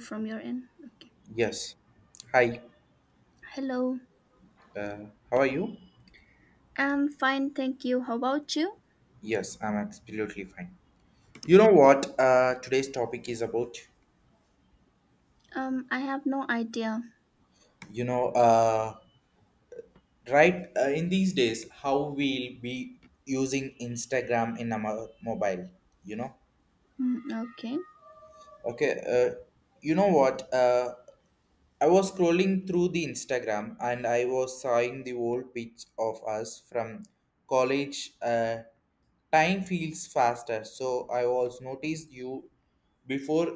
From your end. Okay. Yes. Hi. Hello. How are you? I'm fine, thank you. How about you? Yes, I'm absolutely fine. You know what today's topic is about? I have no idea. You know, uh, right in these days, how we'll be using Instagram in our mobile, you know? Mm, okay. Okay. You know what? I was scrolling through the Instagram and I was seeing the old pics of us from college. Time feels faster, so I was noticed you before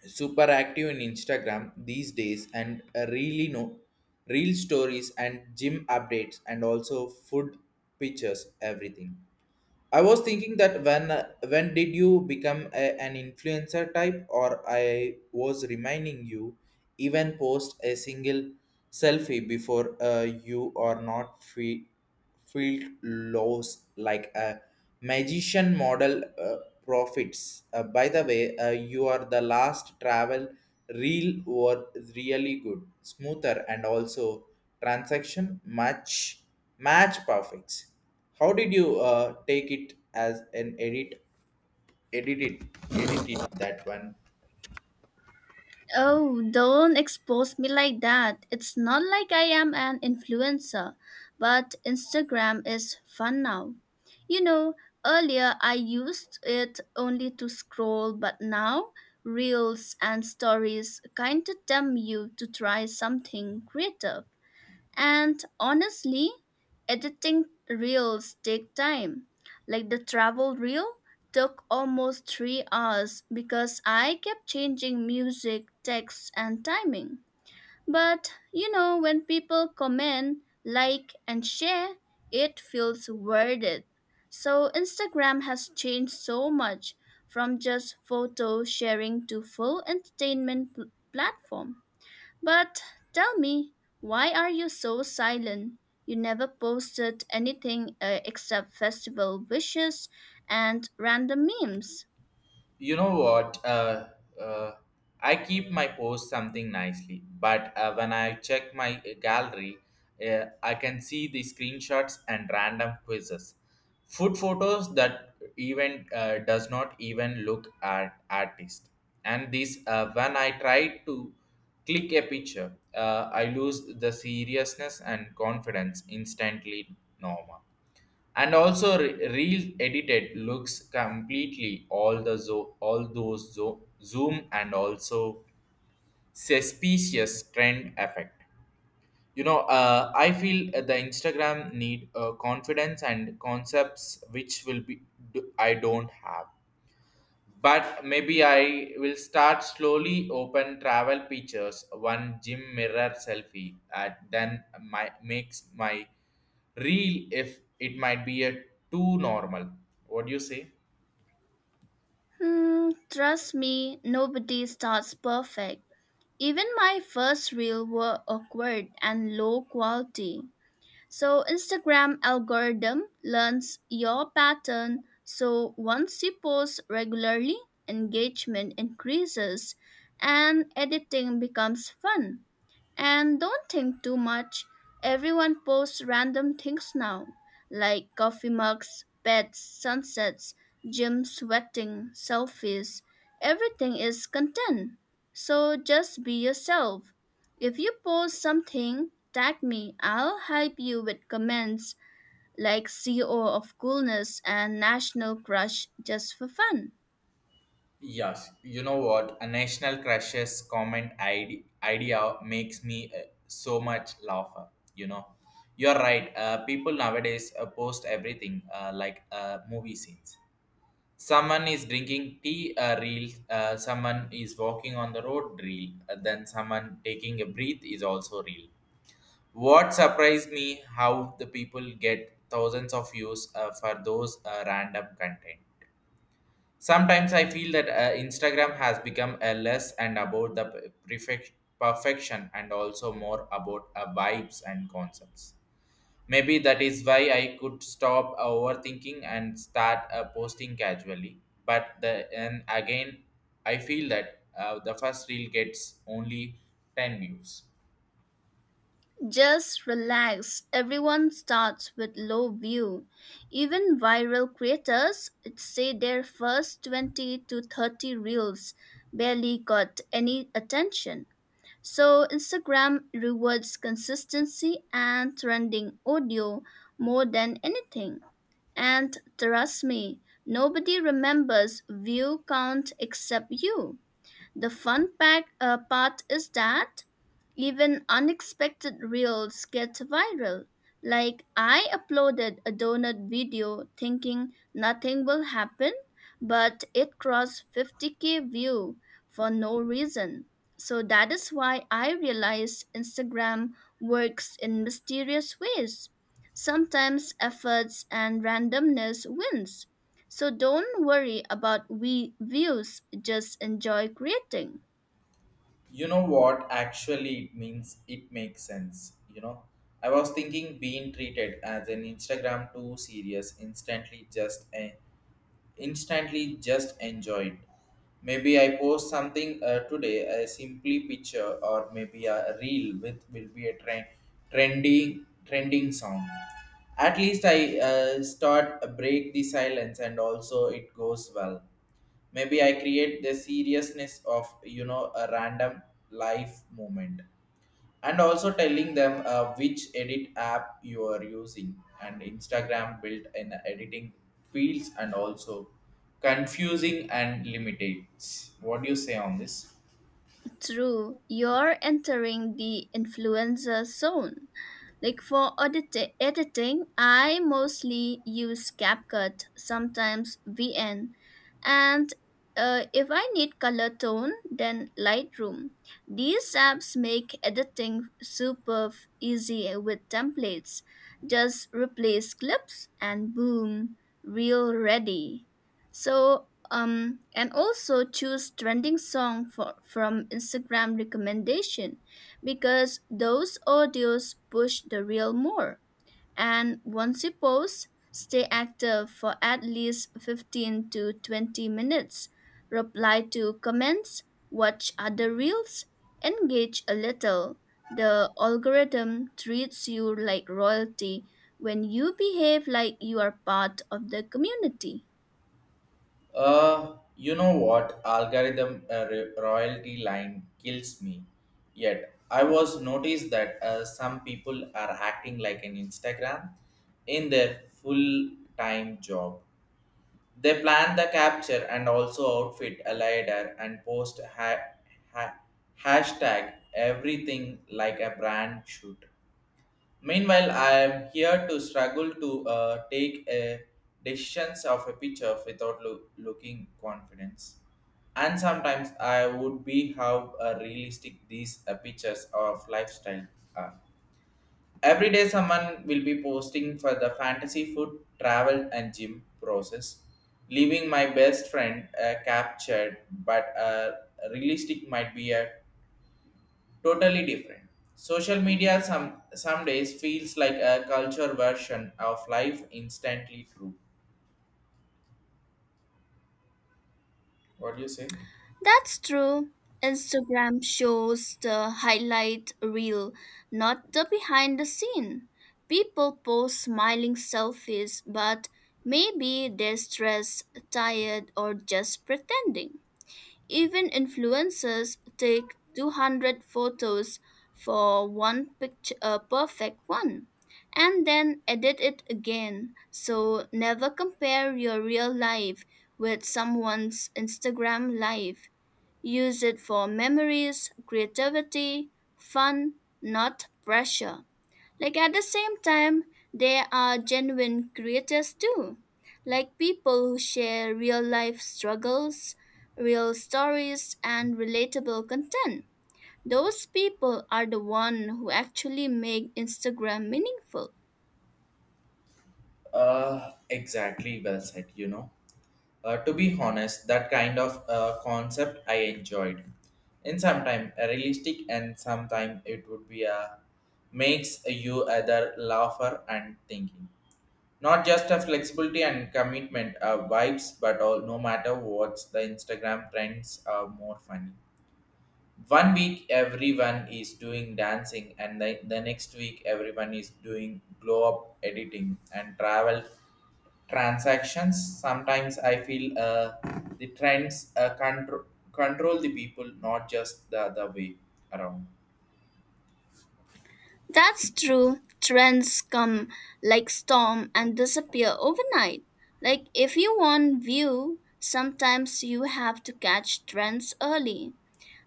super active in Instagram these days and really know real stories and gym updates and also food pictures everything. I was thinking that when did you become an influencer type, or I was reminding you even post a single selfie before you are not feel lows like a magician model, profits. By the way, you are the last travel reel were really good smoother and also transaction match perfect. How did you take it as an edit? Edit it, edit it that one. Oh, don't expose me like that. It's not like I am an influencer, but Instagram is fun now. You know, earlier I used it only to scroll, but now reels and stories kind of tempt you to try something creative. And honestly, editing reels take time. Like the travel reel took almost 3 hours because I kept changing music, text and timing. But you know, when people comment, like and share, it feels worth it. So Instagram has changed so much from just photo sharing to full entertainment platform. But tell me, why are you so silent? You never posted anything except festival wishes and random memes. You know what uh, I keep my post something nicely, but when I check my gallery, I can see the screenshots and random quizzes, food photos that even does not even look at artist. And this, when I try to click a picture, I lose the seriousness and confidence instantly, norma, and also reel edited looks completely all the all those zoom and also suspicious trend effect. You know, I feel the Instagram need confidence and concepts which will be I don't have. But maybe I will start slowly open travel pictures one gym mirror selfie, and then my makes my real, if it might be a too normal. What do you say? Hmm, trust me, nobody starts perfect. Even my first reel were awkward and low quality. So Instagram algorithm learns your pattern. So once you post regularly, engagement increases and editing becomes fun. And don't think too much. Everyone posts random things now, like coffee mugs, beds, sunsets, gym sweating, selfies. Everything is content. So just be yourself. If you post something, tag me. I'll hype you with comments like CO of coolness and national crush just for fun. Yes, you know what? A national crashes comment idea makes me so much laugher. You know, you're right. People nowadays post everything like movie scenes. Someone is drinking tea reel. Someone is walking on the road reel. Then someone taking a breath is also real. What surprised me how the people get thousands of views for those random content. Sometimes I feel that Instagram has become a less and about the perfect perfection and also more about vibes and concepts. Maybe that is why I could stop overthinking and start posting casually. But the and again, I feel that the first reel gets only 10 views. Just relax. Everyone starts with low view. Even viral creators say their first 20 to 30 reels barely got any attention. So Instagram rewards consistency and trending audio more than anything. And trust me, nobody remembers view count except you. The fun part is that even unexpected reels get viral. Like I uploaded a donut video thinking nothing will happen, but it crossed 50K view for no reason. So that is why I realized Instagram works in mysterious ways. Sometimes efforts and randomness wins. So don't worry about we views, just enjoy creating. You know. What actually it means? It makes sense. You know, I was thinking being treated as an Instagram too serious instantly just a instantly just enjoyed. Maybe I post something today, a simply picture, or maybe a reel with will be a trend, trendy trending song. At least I start break the silence, and also it goes well. Maybe I create the seriousness of you know a random life moment, and also telling them which edit app you are using, and Instagram built in editing fields, and also confusing and limited. What do you say on this? True, you're entering the influencer zone. Like for editing, I mostly use CapCut, sometimes VN, and if I need color tone, then Lightroom. These apps make editing super easy with templates. Just replace clips and boom, reel ready. So, and also choose trending song from Instagram recommendation because those audios push the reel more. And once you pause, stay active for at least 15 to 20 minutes. Reply to comments, watch other reels, engage a little. The algorithm treats you like royalty when you behave like you are part of the community. You know what, algorithm royalty line kills me. Yet I was noticed that some people are acting like an Instagram in their full time job. They plan the capture and also outfit a leader, and post ha- hashtag everything like a brand should. Meanwhile, I am here to struggle to take a decisions of a picture without looking confidence. And sometimes I would be how realistic these pictures of lifestyle are. Every day someone will be posting for the fantasy food travel and gym process, leaving my best friend captured, but realistic might be a totally different. Social media some days feels like a culture version of life instantly true. What do you say? That's true. Instagram shows the highlight reel, not the behind the scene. People post smiling selfies, but maybe they're stressed, tired, or just pretending. Even influencers take 200 photos for one picture, a perfect one, and then edit it again. So never compare your real life with someone's Instagram life. Use it for memories, creativity, fun, not pressure. Like at the same time, there are genuine creators too, like people who share real life struggles, real stories, and relatable content. Those people are the one who actually make Instagram meaningful. Exactly, well said, you know. To be honest, that kind of concept I enjoyed. In some time, realistic, and sometime it would be a makes you either laugher and thinking. Not just a flexibility and commitment vibes, but all, no matter what's the Instagram trends are more funny. 1 week everyone is doing dancing, and the next week everyone is doing glow up editing and travel transactions. Sometimes I feel the trends uh, control the people, not just the other way around. That's true. Trends come like storm and disappear overnight. Like if you want view, sometimes you have to catch trends early.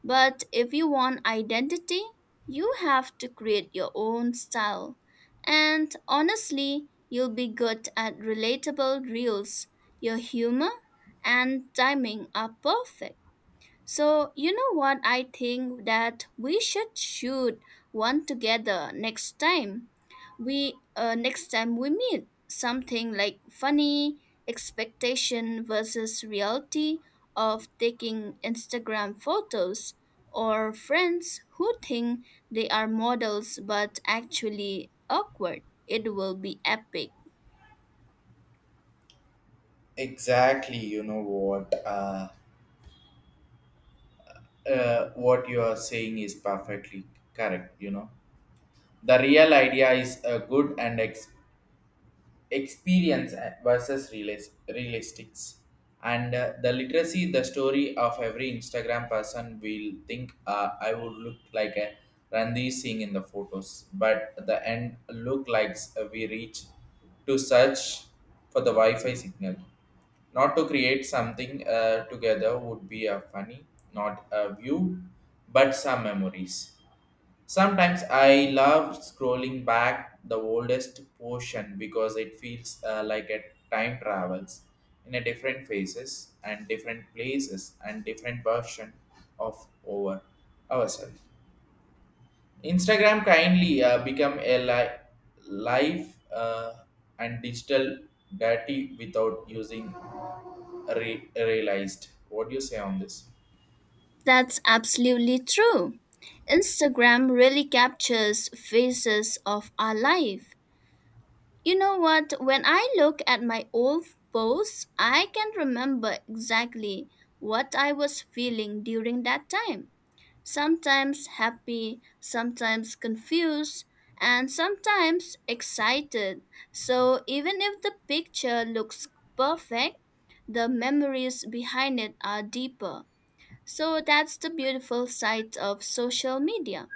But if you want identity, you have to create your own style. And honestly, you'll be good at relatable reels. Your humor and timing are perfect. So, you know what I think that we should shoot one together next time we meet, something like funny expectation versus reality of taking Instagram photos, or friends who think they are models but actually awkward. It will be epic. Exactly, you know what? What you are saying is perfectly correct, you know. The real idea is good, and experience versus realistics, and the literacy, the story of every Instagram person will think I would look like a Randy Singh in the photos, but at the end look like we reach to search for the Wi-Fi signal. Not to create something together would be a funny, not a view but some memories. Sometimes I love scrolling back the oldest portion because it feels like a time travels in a different phases and different places and different version of over ourselves. Instagram kindly become a life and digital dirty without using realized. What do you say on this? That's absolutely true. Instagram really captures phases of our life. You know what? When I look at my old posts, I can remember exactly what I was feeling during that time. Sometimes happy, sometimes confused, and sometimes excited. So even if the picture looks perfect, the memories behind it are deeper. So that's the beautiful side of social media.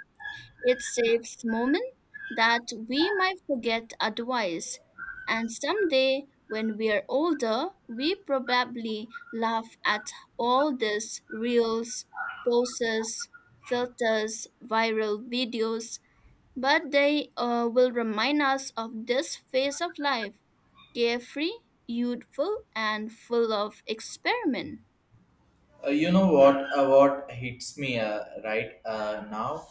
It saves moments that we might forget otherwise. And someday, when we are older, we probably laugh at all these reels, poses, filters, viral videos, but they will remind us of this phase of life: carefree, youthful, and full of experiment. You know what? What hits me right now?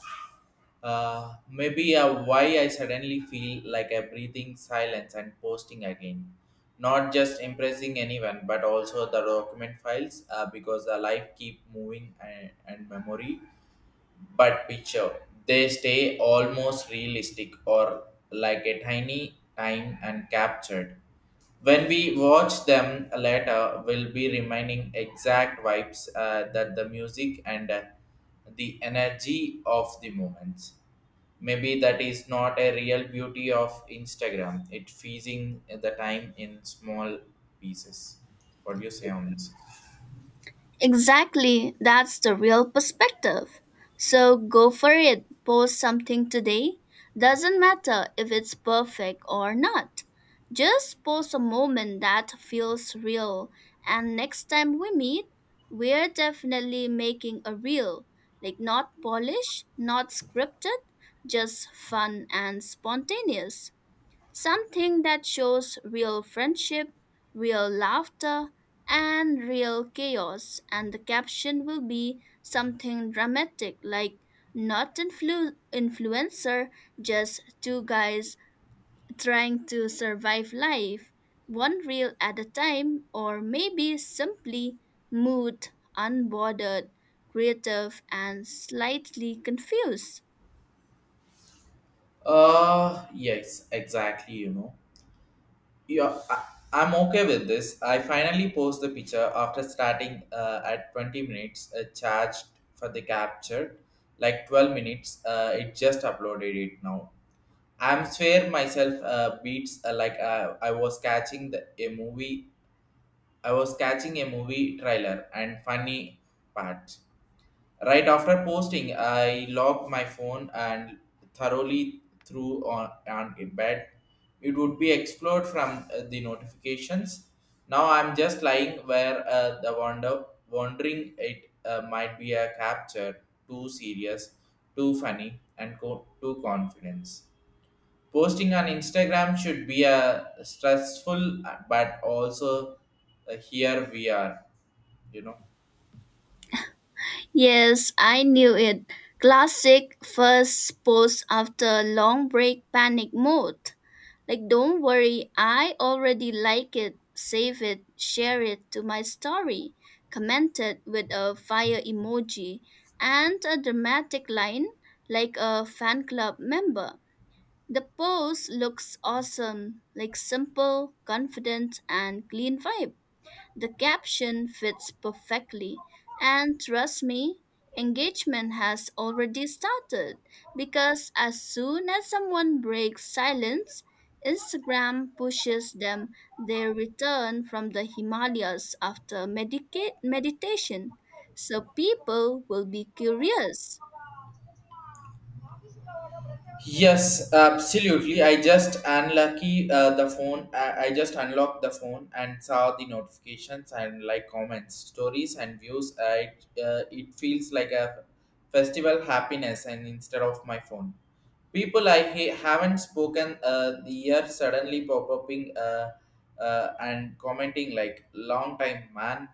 Maybe why I suddenly feel like I'm breathing silence and posting again. Not just impressing anyone, but also the document files because the life keep moving, and memory but picture, they stay almost realistic or like a tiny time and captured. When we watch them later we'll be reminding exact vibes that the music and the energy of the moments. Maybe that is not a real beauty of Instagram, it feeding the time in small pieces. What do you say on this? Exactly, that's the real perspective. So go for it, post something today. Doesn't matter if it's perfect or not. Just post a moment that feels real, and next time we meet, we're definitely making a reel. Like, not polished, not scripted, just fun and spontaneous. Something that shows real friendship, real laughter, and real chaos. And the caption will be something dramatic like not influencer, just two guys trying to survive life, one reel at a time, or maybe simply mood, unbothered, creative, and slightly confused. Yes, exactly, you know. Yeah, I'm okay with this. I finally post the picture after starting at 20 minutes, charged for the capture, like 12 minutes. It just uploaded it now. I'm swear myself beats like I was catching a movie. I was catching a movie trailer and funny part. Right after posting, I locked my phone and thoroughly threw on in bed. It would be explored from the notifications. Now I'm just lying where the wonder wondering it might be a capture too serious, too funny, and too confidence. Posting on Instagram should be a stressful, but also here we are, you know. Yes, I knew it. Classic first post after long break panic mode. Like, don't worry, I already like it. Save it, share it to my story. Commented with a fire emoji and a dramatic line like a fan club member. The post looks awesome, like simple, confident, and clean vibe. The caption fits perfectly. And trust me, engagement has already started because as soon as someone breaks silence, Instagram pushes them their return from the Himalayas after meditation. So people will be curious. Yes, absolutely. I just unlucky the phone. I just unlocked the phone and saw the notifications and like comments, stories and views. It feels like a festival happiness and instead of my phone. People I haven't spoken the year suddenly pop upping, and commenting like long time man,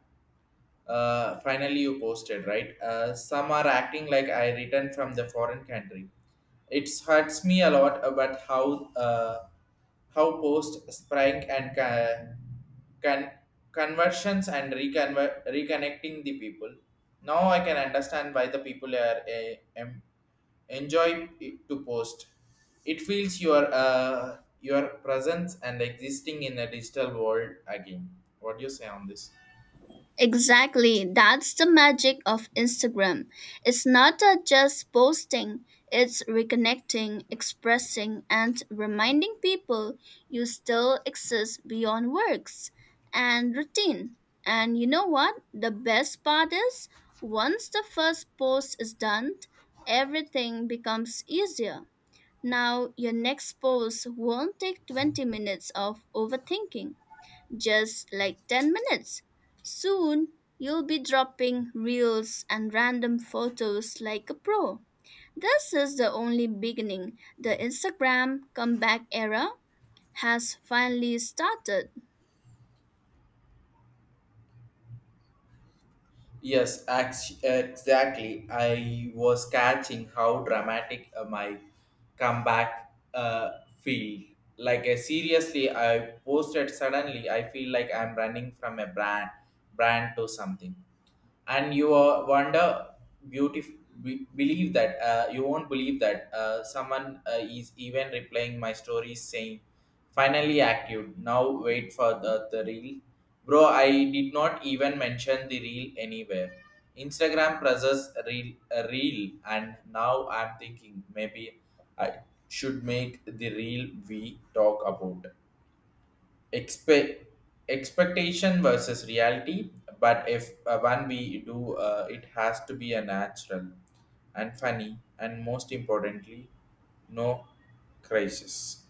finally you posted, right? Some are acting like I returned from the foreign country. It hurts me a lot about how post sprank and con- conversions and reconnecting the people. Now I can understand why the people are enjoy it to post. It feels your presence and existing in a digital world again. What do you say on this? Exactly. That's the magic of Instagram. It's not just posting, it's reconnecting, expressing, and reminding people you still exist beyond works and routine. And you know what? The best part is once the first post is done, everything becomes easier. Now, your next post won't take 20 minutes of overthinking, just like 10 minutes. Soon, you'll be dropping reels and random photos like a pro. This is the only beginning. The Instagram comeback era has finally started. Yes, exactly. I was catching how dramatic my comeback feel. Like seriously, I posted suddenly. I feel like I'm running from a brand, brand to something, and you wonder, beautiful. Believe that you won't believe that someone is even replying my stories saying, "Finally active. Now wait for the reel." Bro, I did not even mention the reel anywhere. Instagram presses reel, a reel, and now I'm thinking maybe I should make the reel we talk about. Expect Expectation versus reality, but if one we do, it has to be a natural and funny and most importantly no crisis.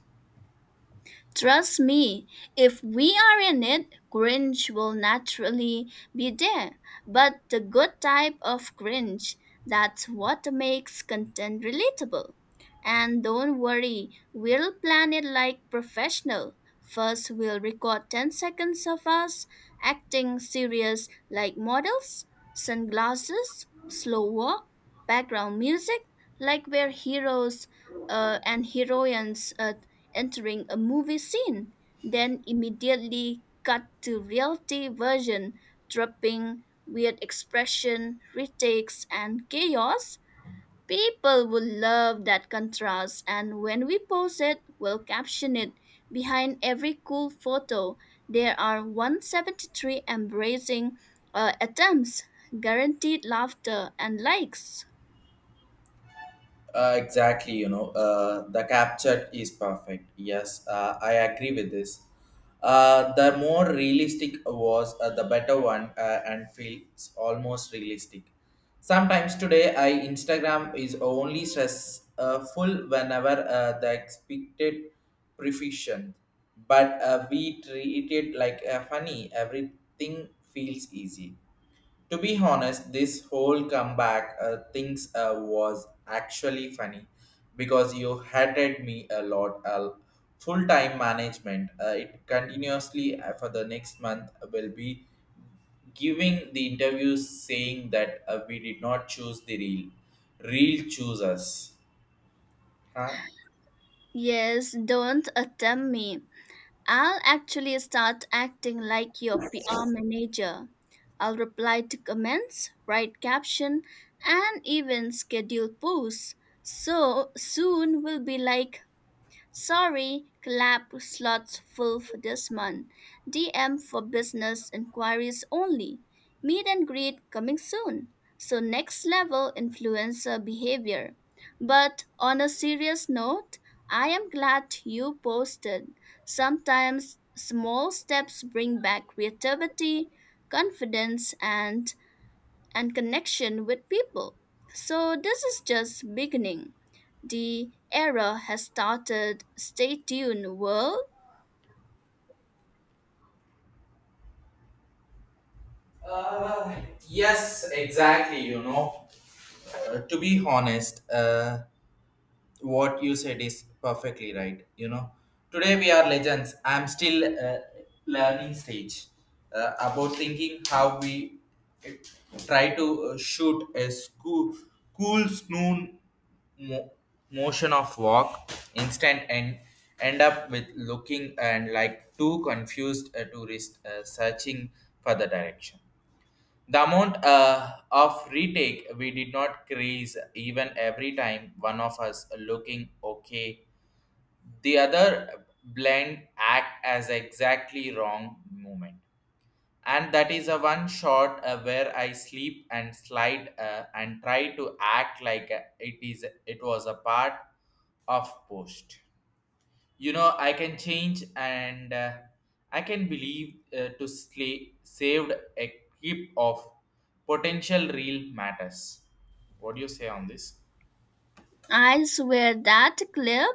Trust me, if we are in it, cringe will naturally be there. But the good type of cringe, that's what makes content relatable. And don't worry, we'll plan it like professional. First, we'll record 10 seconds of us acting serious like models, sunglasses, slow walk, background music, like we're heroes and heroines entering a movie scene, then immediately cut to reality version, dropping weird expression, retakes, and chaos. People will love that contrast, and when we post it, we'll caption it. Behind every cool photo, there are 173 embracing attempts, guaranteed laughter and likes. Exactly, you know, the capture is perfect. Yes, I agree with this. The more realistic was, the better one, and feels almost realistic. Sometimes today, I Instagram is only stressful whenever the expected proficient, but we treat it like a funny. Everything feels easy. To be honest, this whole comeback things was actually funny because you hated me a lot. Full time management, it continuously for the next month will be giving the interviews saying that we did not choose real, choose us. Huh? Yes, don't attempt me. I'll actually start acting like your PR manager. I'll reply to comments, write caption, and even schedule posts. So soon we'll be like, Sorry, club slots full for this month. DM for business inquiries only. Meet and greet coming soon. So, next level influencer behavior. But on a serious note, I am glad you posted. Sometimes small steps bring back creativity, confidence, and connection with people. So this is just beginning. The era has started. Stay tuned, world. Uh, yes, exactly. To be honest, what you said is perfectly right. Today we are legends. I'm still learning stage about thinking how we uh, try to shoot a school cool snoon mo- motion of walk instant, and end up with looking and like too confused tourist searching for the direction. The amount of retake we did not crease, even every time one of us looking okay, the other blend act as exactly wrong moment. And that is a one shot where I sleep and slide and try to act like it is it was a part of post. You know, I can change, and I can believe to slay, saved a heap of potential real matters. What do you say on this? I swear that clip,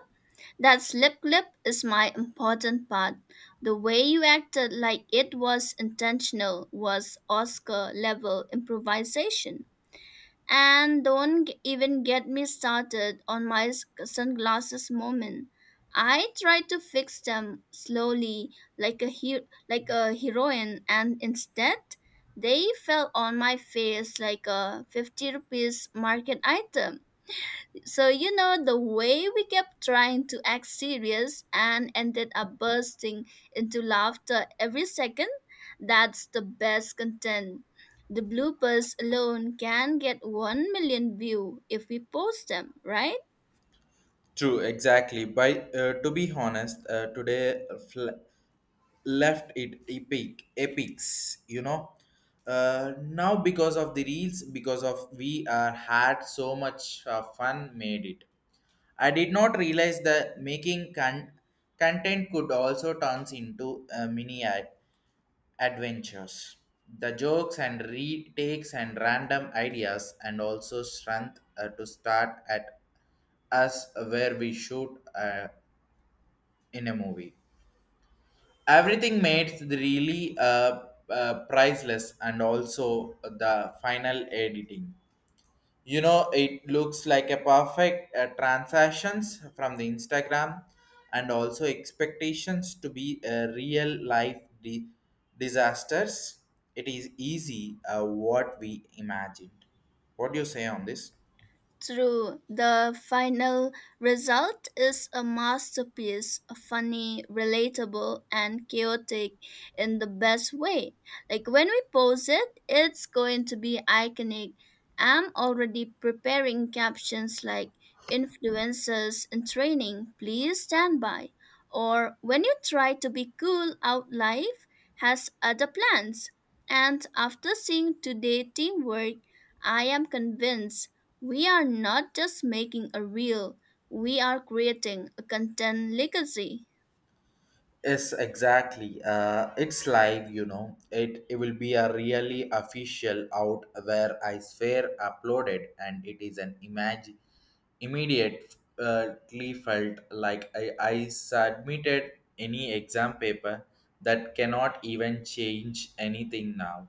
that slip clip is my important part. The way you acted like it was intentional was Oscar level improvisation. And don't even get me started on my sunglasses moment. I tried to fix them slowly, like a heroine, and instead, they fell on my face like a 50 rupees market item. So, you know, the way we kept trying to act serious and ended up bursting into laughter every second, that's the best content. The bloopers alone can get 1 million view if we post them, right? True, exactly. By to be honest, today left it epic, epics. Now because of the reels, because of we are had so much fun made it. I did not realize that making content could also turn into mini adventures. The jokes and retakes and random ideas, and also strength to start at us where we shoot in a movie. Everything made it really priceless, and also the final editing. It looks like a perfect transactions from the Instagram, and also expectations to be a real life disasters. It is easy what we imagined. What do you say on this? True, the final result is a masterpiece, funny, relatable, and chaotic in the best way. Like when we post it, it's going to be iconic. I'm already preparing captions like influencers in training, please stand by. Or when you try to be cool out, life has other plans. And after seeing today teamwork, I am convinced we are not just making a reel, we are creating a content legacy. Yes, exactly. It's live, it it will be a really official out where I swear uploaded, and it is an image. Immediately felt like I submitted any exam paper that cannot even change anything now.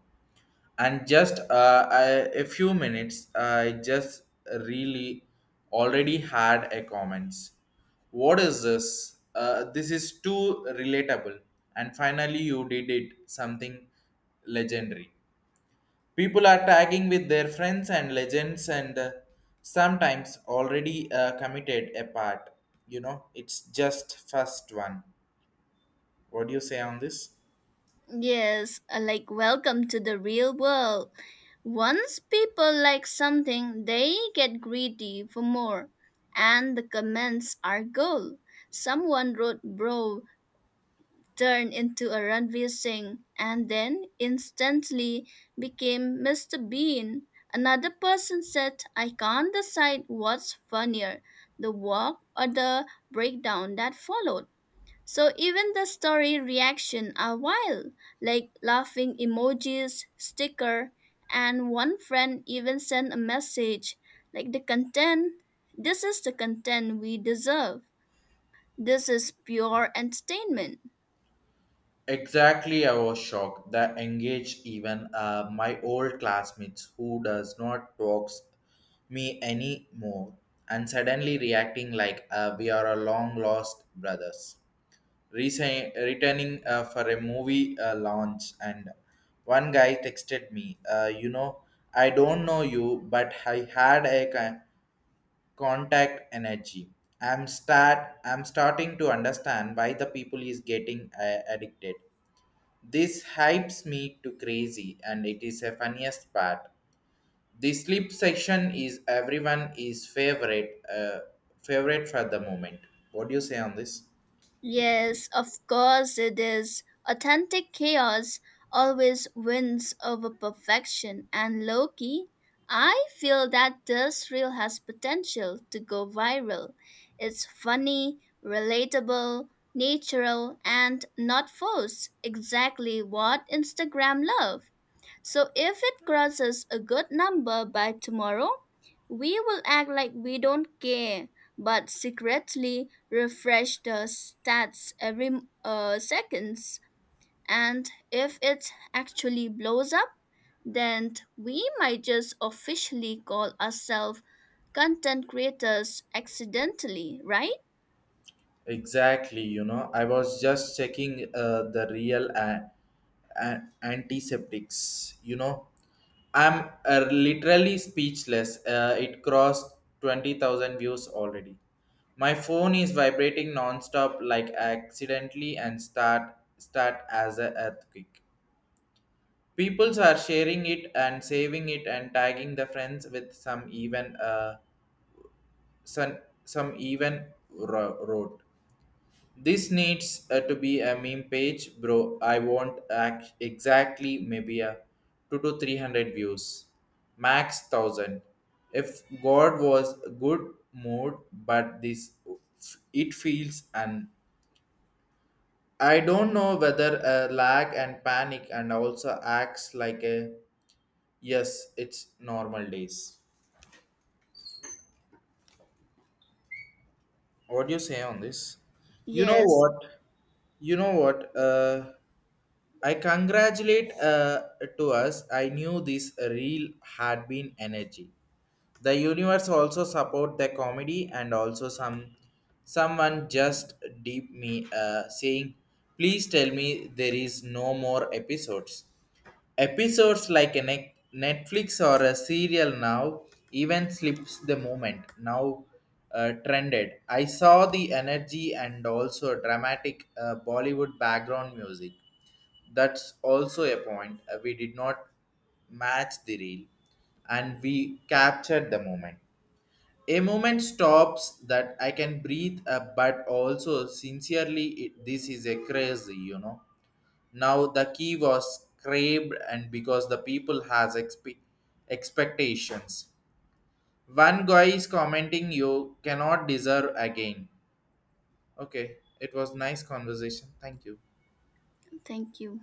And just I, a few minutes, I just really already had a comments. What is this? This is too relatable. And finally, you did it something legendary. People are tagging with their friends and legends, and sometimes already committed a part. You know, it's just first one. What do you say on this? Yes, like welcome to the real world. Once people like something, they get greedy for more. And the comments are gold. Someone wrote, Bro turned into a Ranveer Singh and then instantly became Mr. Bean. Another person said, I can't decide what's funnier, the walk or the breakdown that followed. So even the story reaction are wild, like laughing emojis, sticker, and one friend even sent a message like the content. This is the content we deserve. This is pure entertainment. Exactly, I was shocked that engage even my old classmates who does not talks me anymore, and suddenly reacting like we are a long lost brothers. Returning for a movie launch. And one guy texted me, uh, you know, I don't know you, but I had a contact energy. i'm start I'm starting to understand why the people is getting addicted. This hypes me to crazy, and it is a funniest part. The sleep section is everyone is favorite for the moment. What do you say on this? Yes, of course it is. Authentic chaos always wins over perfection, and Loki, I feel that this reel has potential to go viral. It's funny, relatable, natural, and not forced. Exactly what Instagram love. So if it crosses a good number by tomorrow, we will act like we don't care, but secretly refresh the stats every seconds. And if it actually blows up, then we might just officially call ourselves content creators accidentally, right? Exactly, you know, I was just checking the real antiseptics, you know. I'm literally speechless. It crossed 20,000 views already. My phone is vibrating nonstop, like accidentally and start as a earthquake. Peoples are sharing it and saving it and tagging the friends, with some even some, some even road. This needs to be a meme page, bro. I want act exactly maybe a two to three hundred views, max thousand. If God was a good mood, but this it feels, and I don't know whether a lag and panic and also acts like a, yes, it's normal days. What do you say on this? You know Yes, what? You know what? I congratulate to us. I knew this reel had been energy. The universe also support the comedy, and also some someone just deep me saying, please tell me there is no more episodes. Episodes like a Netflix or a serial now, even slips the moment now trended. I saw the energy, and also dramatic Bollywood background music, that's also a point. We did not match the reel, and we captured the moment. A moment stops that I can breathe, but also sincerely, it, this is a crazy, you know. Now the key was craved, and because the people has expectations. One guy is commenting, "You cannot deserve again." Okay, it was nice conversation. Thank you. thank you.